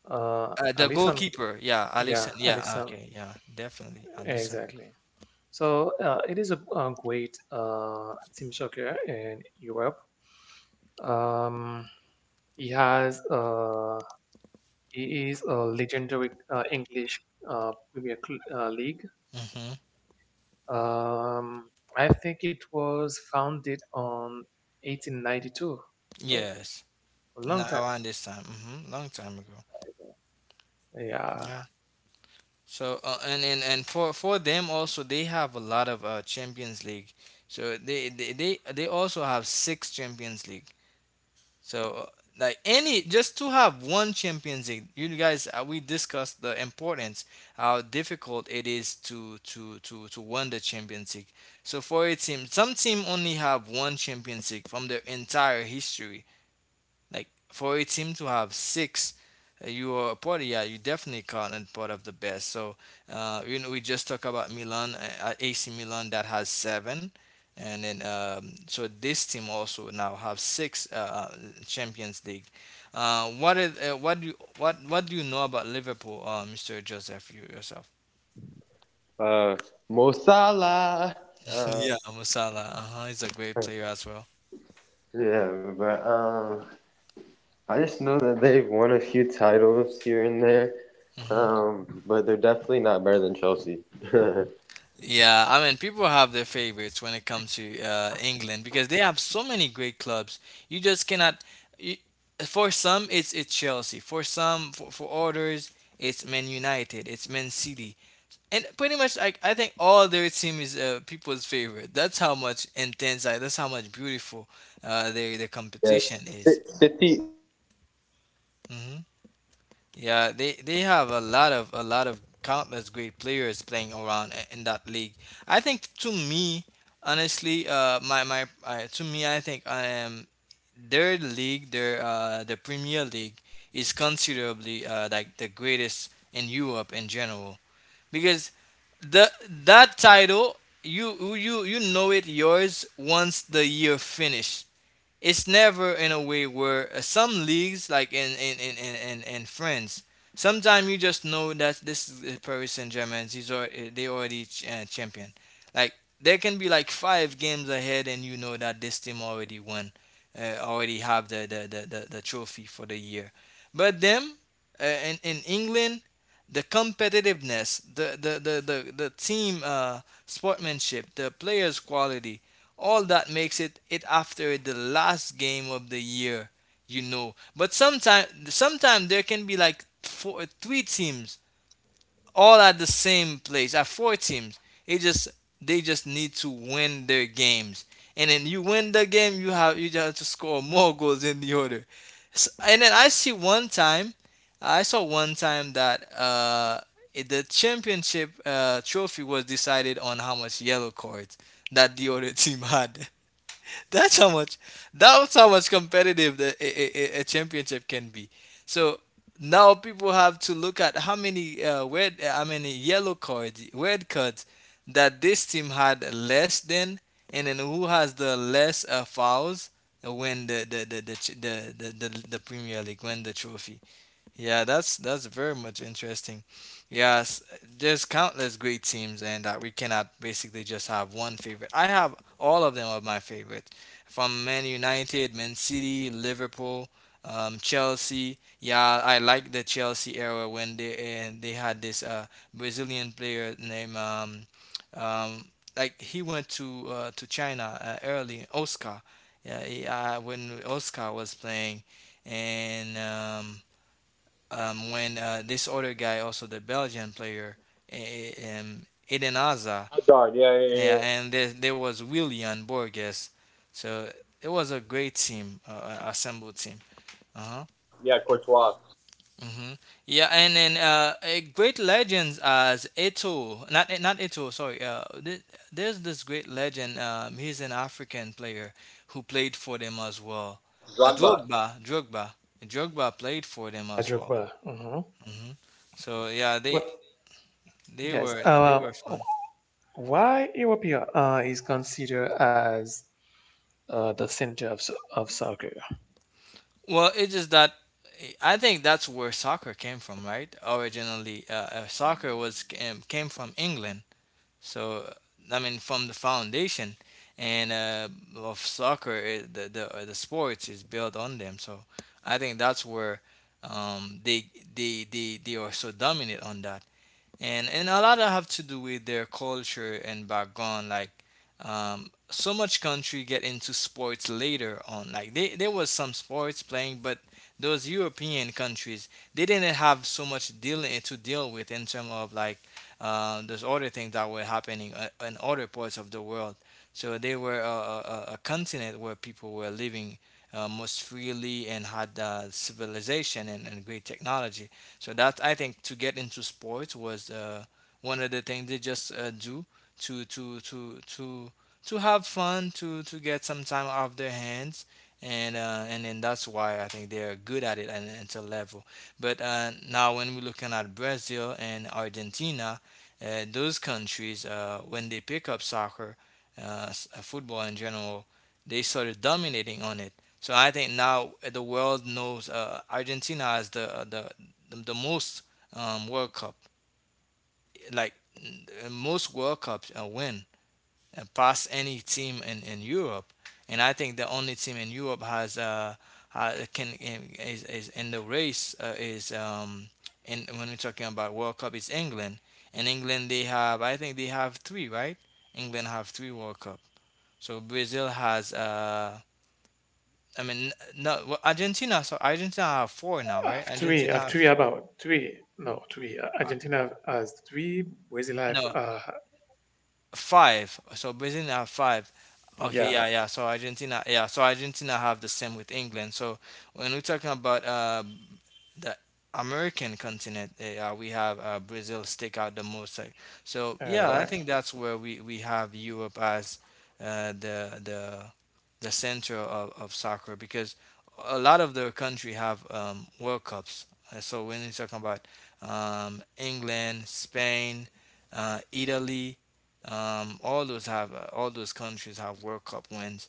Speaker 1: The
Speaker 2: Alisson,
Speaker 1: goalkeeper, yeah,
Speaker 2: yeah,
Speaker 1: Alisson. Yeah,
Speaker 2: Alisson.
Speaker 1: okay, yeah, definitely Alisson.
Speaker 2: Exactly. So it is a great team soccer in Europe. Um, he has uh, he is a legendary English Premier League.
Speaker 1: Mm-hmm.
Speaker 2: Um, I think it was founded on 1892, so
Speaker 1: Yes.
Speaker 2: a long
Speaker 1: Now
Speaker 2: time.
Speaker 1: I understand. Mm-hmm. Long time ago.
Speaker 2: Yeah,
Speaker 1: Yeah. So, and for them also they have a lot of Champions League. So they also have six Champions League. So, like, any, just to have one Champions League, you guys, we discussed the importance how difficult it is to win the Champions League. So for a team, some team only have one Champions League from their entire history. Like, for a team to have six, you are a part of, yeah, you definitely can't part of the best. So, you know, we just talk about Milan, AC Milan that has seven, and then, so this team also now have six, Champions League. What do you know about Liverpool, Mr. Joseph, you yourself? [LAUGHS] Yeah, Musala. Uh-huh, he's a great player as well. hmm Yeah, I mean, people have their favorites when it comes to, England because they have so many great clubs. You just cannot. You, for some, it's Chelsea. For others, it's Man United. It's Man City. And pretty much, like, I think all their team is, people's favorite. That's how much intense. Like, that's how much beautiful, their competition is. Mm-hmm. Yeah, they have a lot of countless great players playing around, in that league. I think to me, honestly, I think, the Premier League is considerably, like, the greatest in Europe in general. Because the, that title, you know it yours once the year finish. It's never in a way where, some leagues like in France. Sometimes you just know that this is, Paris Saint-Germain, he's they already champion. Like there can be like five games ahead, and you know that this team already won, already have the trophy for the year. But them, in England, the competitiveness, the team, sportsmanship, the players quality, all that makes it, after the last game of the year, you know. But sometimes there can be like four three teams all at the same place, at four teams. It just they just need to win their games, and then you win the game, you have to score more [LAUGHS] goals than the other. S and then I see one time I saw one time that, the championship, trophy was decided on how much yellow cards that the other [LAUGHS] team had. That's how much. That's how much competitive the, a championship can be. So now people have to look at how many, how many yellow cards, red cards that this team had less than, and then who has the less, fouls when the, ch- the Premier League win the trophy. Yeah, that's very much interesting. Yes, there's countless great teams, and that we cannot basically just have one favorite. I have all of them are my favorite, from Man United, Man City, Liverpool, Chelsea. Yeah, I like the Chelsea era when they had this Brazilian player named um, he went to China early Oscar. Yeah, when Oscar was playing, and. When this other guy, also the Belgian player, Eden Hazard, and there was William Borges. So it was a great team, assembled team. Uh-huh. hmm Yeah, and then great legends as Eto, not not Eto, sorry. There's this great legend. He's an African player who played for them as well. Drogba, Drogba, Drogba played for them as well.
Speaker 2: Drogba.
Speaker 1: Hmm so yeah, they
Speaker 2: But
Speaker 1: They
Speaker 2: guys,
Speaker 1: were they were fun.
Speaker 2: why Europia is considered as the center of soccer.
Speaker 1: Well, it's just that I think that's where soccer came from, right? Originally, soccer was came from England. So I mean, from the foundation and of soccer, the sports is built on them. So I think that's where um, they they are so dominant on that. And a lot of have to do with their culture and background like so much country get into sports later on like there was some sports playing, but those European countries, they didn't have so much dealing to deal with in terms of like those other things that were happening in other parts of the world. So they were a continent where people were living most freely and had civilization and great technology. So that I think to get into sports was one of the things they just do to to to to to have fun, to get some time off their hands, and then that's why I think they are good at it at an inter level. But now when we're looking at Brazil and Argentina, those countries when they pick up soccer, football in general, they started dominating on it. So I think now the world knows Argentina as the most World Cup, like most World Cups win, and past any team in Europe. And I think the only team in Europe has ha can is in the race is in when we're talking about World Cup is England. And England, they have, I think they have three, right? England have three World Cup. So Brazil has I mean n- no well, Argentina have four now, right?
Speaker 2: Three,
Speaker 1: Argentina
Speaker 2: have
Speaker 1: have
Speaker 2: three,
Speaker 1: four.
Speaker 2: about three. No, three.
Speaker 1: Uh,
Speaker 2: Argentina has three. Brazil have,
Speaker 1: no Five. So Brazil have five. Okay,
Speaker 2: yeah,
Speaker 1: yeah, yeah. So Argentina, yeah. So Argentina have the same with England. So when we're talking about the American continent, we have Brazil stick out the most. So yeah, I
Speaker 2: right.
Speaker 1: think that's where we have Europe as uh, the the the center of soccer, because a lot of the country have World Cups. So when you're talking about England, Spain, Italy, all those have all those countries have World Cup wins.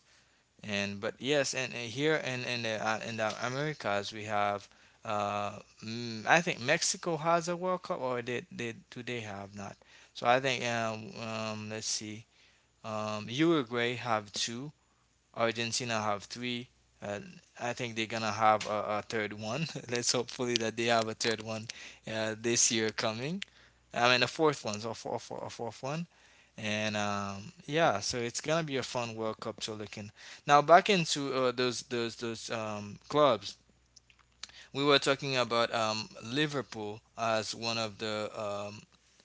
Speaker 1: And but yes, and here in the Americas we have. Uh, I think Mexico has a World Cup, or did they, do they have not? So I think let's see. Uruguay have two. Argentina have three. Uh, I think they're gonna have a third one. [LAUGHS] Let's hopefully that they have a third one this year coming. I mean a fourth one, so a fourth one, and yeah, so it's gonna be a fun World Cup to look in. Now back into those clubs. We were talking about Liverpool as one of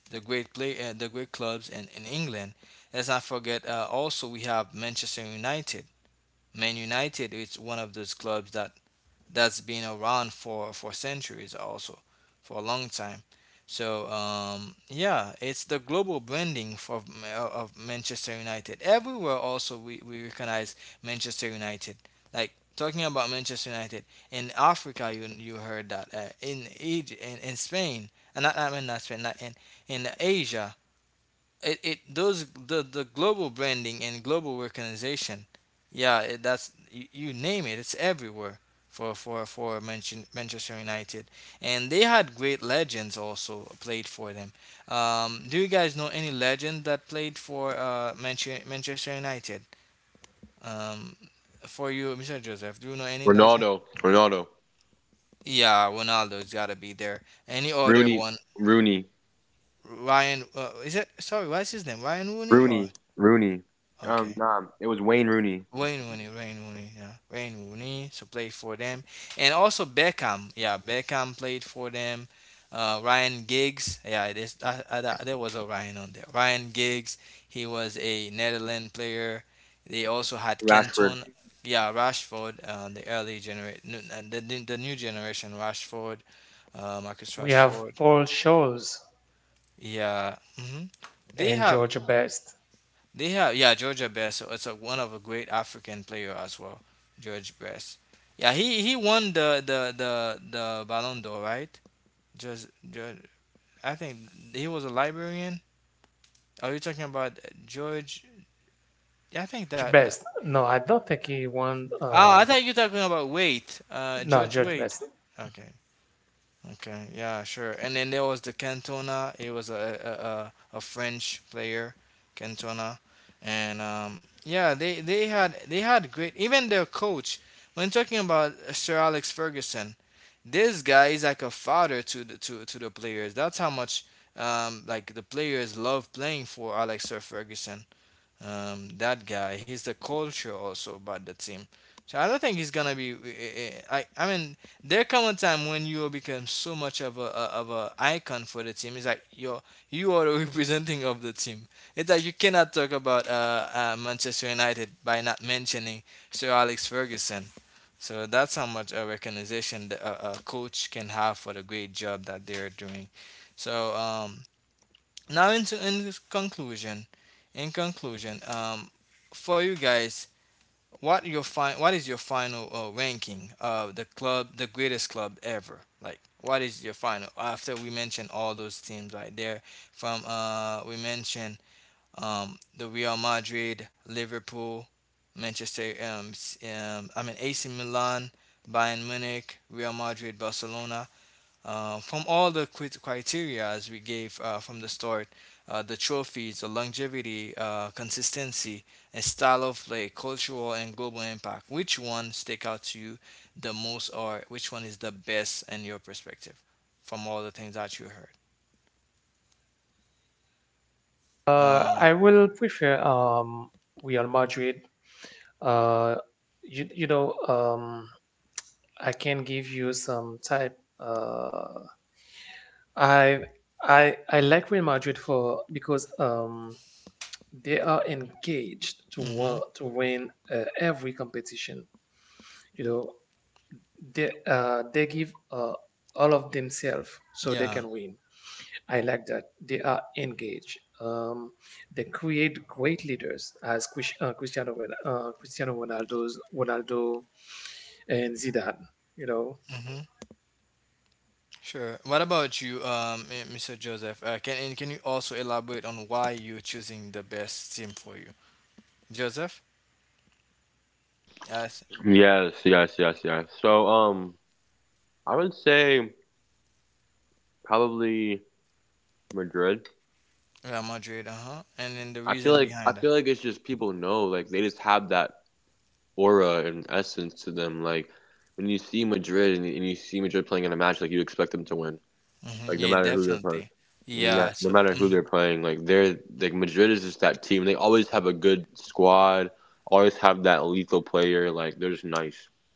Speaker 1: the great play the great clubs in England. Let's not forget also we have Manchester United. Man United is one of those clubs that that's been around for centuries also for a long time. So yeah, it's the global branding of Manchester United. Everywhere also we recognize Manchester United. Like talking about Manchester United in Africa, you heard that in Egypt, in Spain, and not I mean not Spain, not in in Asia, it those the global branding and global recognition. Yeah, that's you name it, it's everywhere for Manchester United. And they had great legends also played for them. Do you guys know any legend that played for Manchester United? um for you, Mr. Joseph, do you know any legend? Yeah, Ronaldo's got to be there. Any other one? Ryan, is it, sorry, what's his name? Ryan Rooney or, okay, Wayne Rooney, Wayne Rooney, yeah, Wayne Rooney. So play for them, and also Beckham. Yeah, Beckham played for them. Ryan Giggs. Yeah, this there was a Ryan on there. Ryan Giggs. He was a Netherlands player. They also had Kenton. Yeah, Rashford. The early generation, the new generation. Rashford, Marcus
Speaker 2: We have
Speaker 1: Rashford.
Speaker 2: Paul Scholes
Speaker 1: Yeah. hmm They
Speaker 2: and
Speaker 1: have.
Speaker 2: George Best.
Speaker 1: They have, yeah, Georgia Best. So it's a one of a great African player as well, George Best. Yeah, he won the Ballon d'Or, right? Just I think he was a Liberian. Are you talking about George? Yeah, I think
Speaker 2: George
Speaker 1: that, that
Speaker 2: Best. No, I don't think he won.
Speaker 1: oh, I thought you're talking about Wait,
Speaker 2: No,
Speaker 1: George
Speaker 2: George
Speaker 1: Wait.
Speaker 2: Best.
Speaker 1: Okay. Okay, yeah, sure. And then there was the Cantona. It was a French player, Cantona, and yeah, they had great. Even their coach, when talking about Sir Alex Ferguson, this guy is like a father to to the players. That's how much like the players love playing for Alex Sir Ferguson, that guy. He's the culture also about the team. So I don't think he's gonna be. I mean, there come a time when you become so much of a icon for the team. It's like you are the [LAUGHS] representing of the team. It's like you cannot talk about Manchester United by not mentioning Sir Alex Ferguson. So that's how much a recognition a coach can have for the great job that they're doing. So now in this conclusion, in conclusion, for you guys, what is your final ranking of the club, the greatest club ever? Like what is your final after we mention all those teams right there? From we mentioned the Real Madrid, Liverpool, Manchester I mean AC Milan, Bayern Munich, Real Madrid, Barcelona. From all the criteria as we gave from the start, the trophies, the longevity, consistency, and style of play, cultural and global impact, which one stick out to you the most, or which one is the best in your perspective from all the things that you heard? Um,
Speaker 2: I will prefer Real Madrid. Uh, you you know um I can give you some type. I I like Real Madrid for because they are engaged
Speaker 1: hmm
Speaker 2: to win every competition. You know, they they give all of themselves so they
Speaker 1: yeah,
Speaker 2: can win. I like that they are engaged. They create great leaders as Cristiano Ronaldo and Zidane. You know,
Speaker 1: hmm sure. What about you, Mr. Joseph? Can and can you also elaborate on why you're choosing the best team for you, Joseph? Real Madrid, uh-huh. And then the reason behind that. Hmm Yeah, definitely. Yeah, so mm-hmm.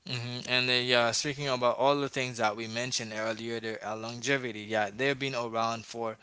Speaker 1: Mm-hmm, and then yeah, speaking about all the things that we mentioned earlier, their longevity, yeah, they've been around for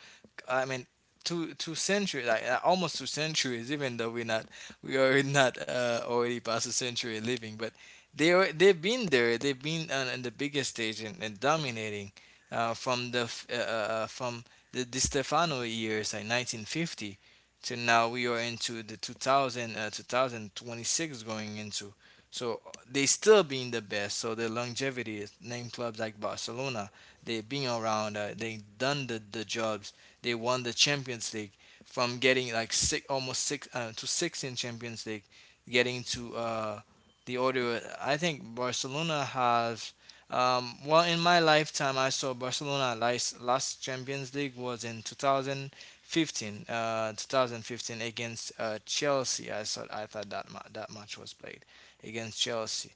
Speaker 1: I mean, two two centuries, like almost two centuries. Even though we're not, we are not already past a century living, but they are, they've been there. They've been on the biggest stage and dominating uh, from the f- uh, uh, from the Di Stefano years, like 1950, to now we are into the 2000, 2026 going into. So they still being the best. So the longevity is name clubs like Barcelona, they being around. They done the job, they won the Champions League from getting like six, almost six to six in Champions League, getting to the order. I think Barcelona have. Well, in my lifetime, I saw Barcelona last last Champions League was in 2015. 2015 against Chelsea. I thought that that match was played against Chelsea.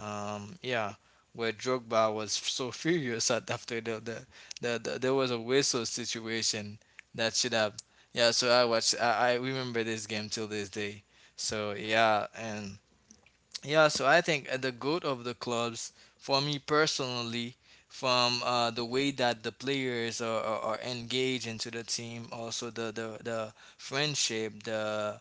Speaker 1: Yeah, where Drogba was so furious [LAUGHS] at after the there was a whistle situation that should have. Yeah, so I watched. I remember this game till this day. So yeah, and yeah, so I think the goat of the clubs for me personally, from the way that the players are, are engaged into the team, also the friendship,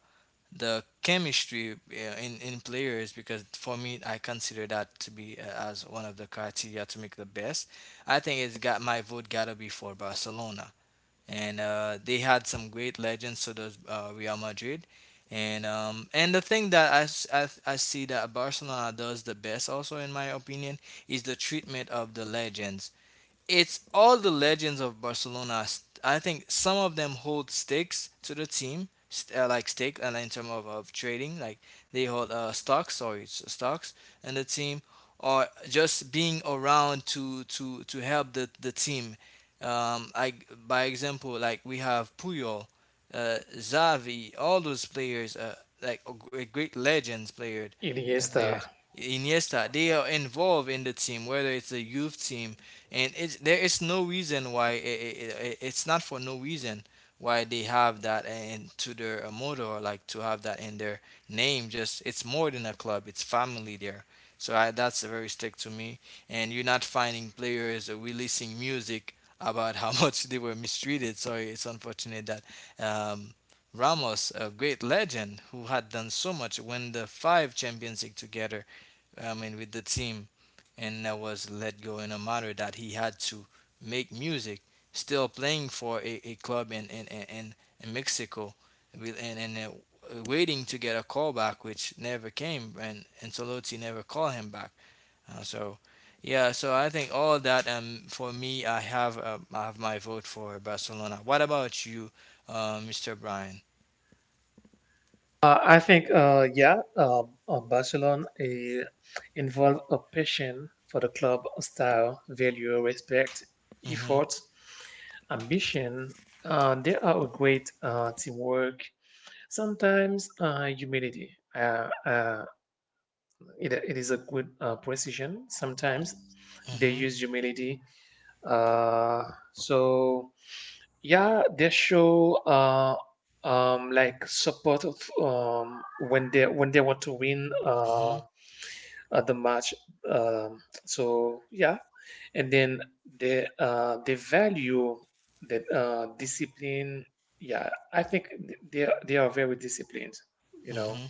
Speaker 1: the chemistry yeah, in players, because for me I consider that to be as one of the criteria to make the best. I think it's got my vote gotta be for Barcelona, and they had some great legends. So does Real Madrid, and and the thing that I, s- I see that Barcelona does the best also in my opinion is the treatment of the legends, it's all the legends of Barcelona. I think some of them hold stakes to the team, like stake, and in terms of trading, like they hold stocks, sorry, stocks in the team, or just being around to to help the team. I by example, like we have Puyol, Xavi, all those players, great legends player,
Speaker 2: Iniesta.
Speaker 1: players. Iniesta, they are involved in the team, whether it's a youth team. And it's there is no reason why it's not for no reason why they have that into their motto, like to have that in their name. Just it's more than a club, it's family there. So that's very stick to me, and you're not finding players releasing music about how [LAUGHS] much they were mistreated. Sorry, it's unfortunate that um, Ramos, a great legend who had done so much, win the five Champions League together, I mean, with the team, and I was let go in a matter that he had to make music, still playing for a club in Mexico, and waiting to get a call back, which never came, and Solotti never called him back. So, yeah, so I think all that. For me, I have my vote for Barcelona. What about you, Mr. Brian?
Speaker 2: I think, yeah, Barcelona involve a passion for the club style, value, respect,
Speaker 1: Mm-hmm.
Speaker 2: effort, ambition. There are a great teamwork, sometimes humility. It is a good precision. Sometimes they
Speaker 1: Mm-hmm.
Speaker 2: use humility. Uh, so yeah, they show like support of, um, when they want to win the match. So yeah, and then they value that discipline. Yeah, I think they are very disciplined. You know.
Speaker 1: Mm-hmm.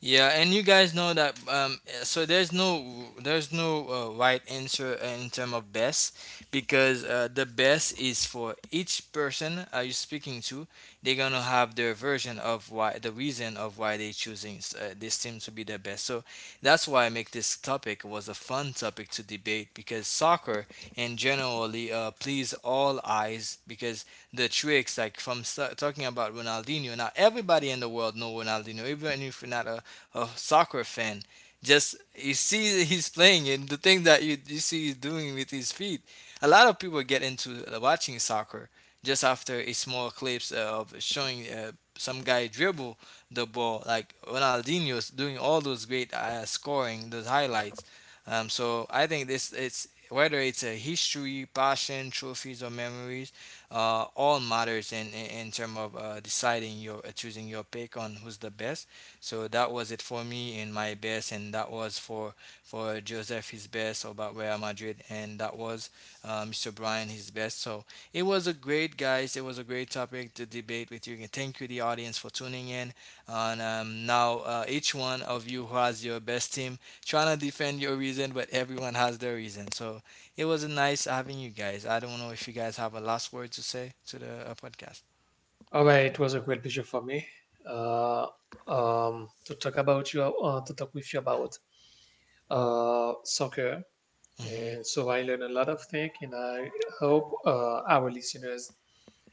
Speaker 1: Yeah, and you guys know that. So there's no, there's no right answer in term of best, because the best is for each person are you speaking to. They're gonna have their version of why the reason of why they choosing this team to be the best. So that's why I make this topic was a fun topic to debate, because soccer and generally please all eyes, because the tricks like from talking about Ronaldinho. Now everybody in the world know Ronaldinho, even if you're not a soccer fan. Just you see that he's playing and the thing that you see he's doing with his feet. A lot of people get into watching soccer just after a small clips of showing some guy dribble the ball like Ronaldinho's doing, all those great scoring those highlights. So I think this, it's whether it's a history, passion, trophies, or memories, all matters in terms of deciding your, choosing your pick on who's the best. So that was it for me and my best, and that was for Joseph his best about Real Madrid, and that was Mr. Brian his best. So it was a great guys. It was a great topic to debate with you. And thank you the audience for tuning in. And Now each one of you who has your best team, trying to defend your reason, but everyone has their reason. So it was nice having you guys. I don't know if you guys have a last word to say to the podcast.
Speaker 2: All right, it was a great pleasure for me uh, to talk with you about soccer.
Speaker 1: Hmm.
Speaker 2: And so I learned a lot of things, and I hope our listeners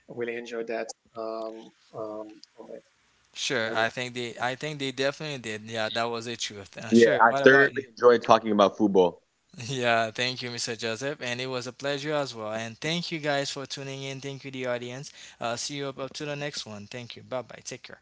Speaker 2: will enjoy that moment.
Speaker 1: Sure, I think they, I think they definitely did. Yeah, that was the truth. Sure. What about you? [LAUGHS] Yeah, thank you, Mr. Joseph, and it was a pleasure as well. And thank you guys for tuning in. Thank you, the audience. See you up, up to the next one. Thank you. Bye bye. Take care.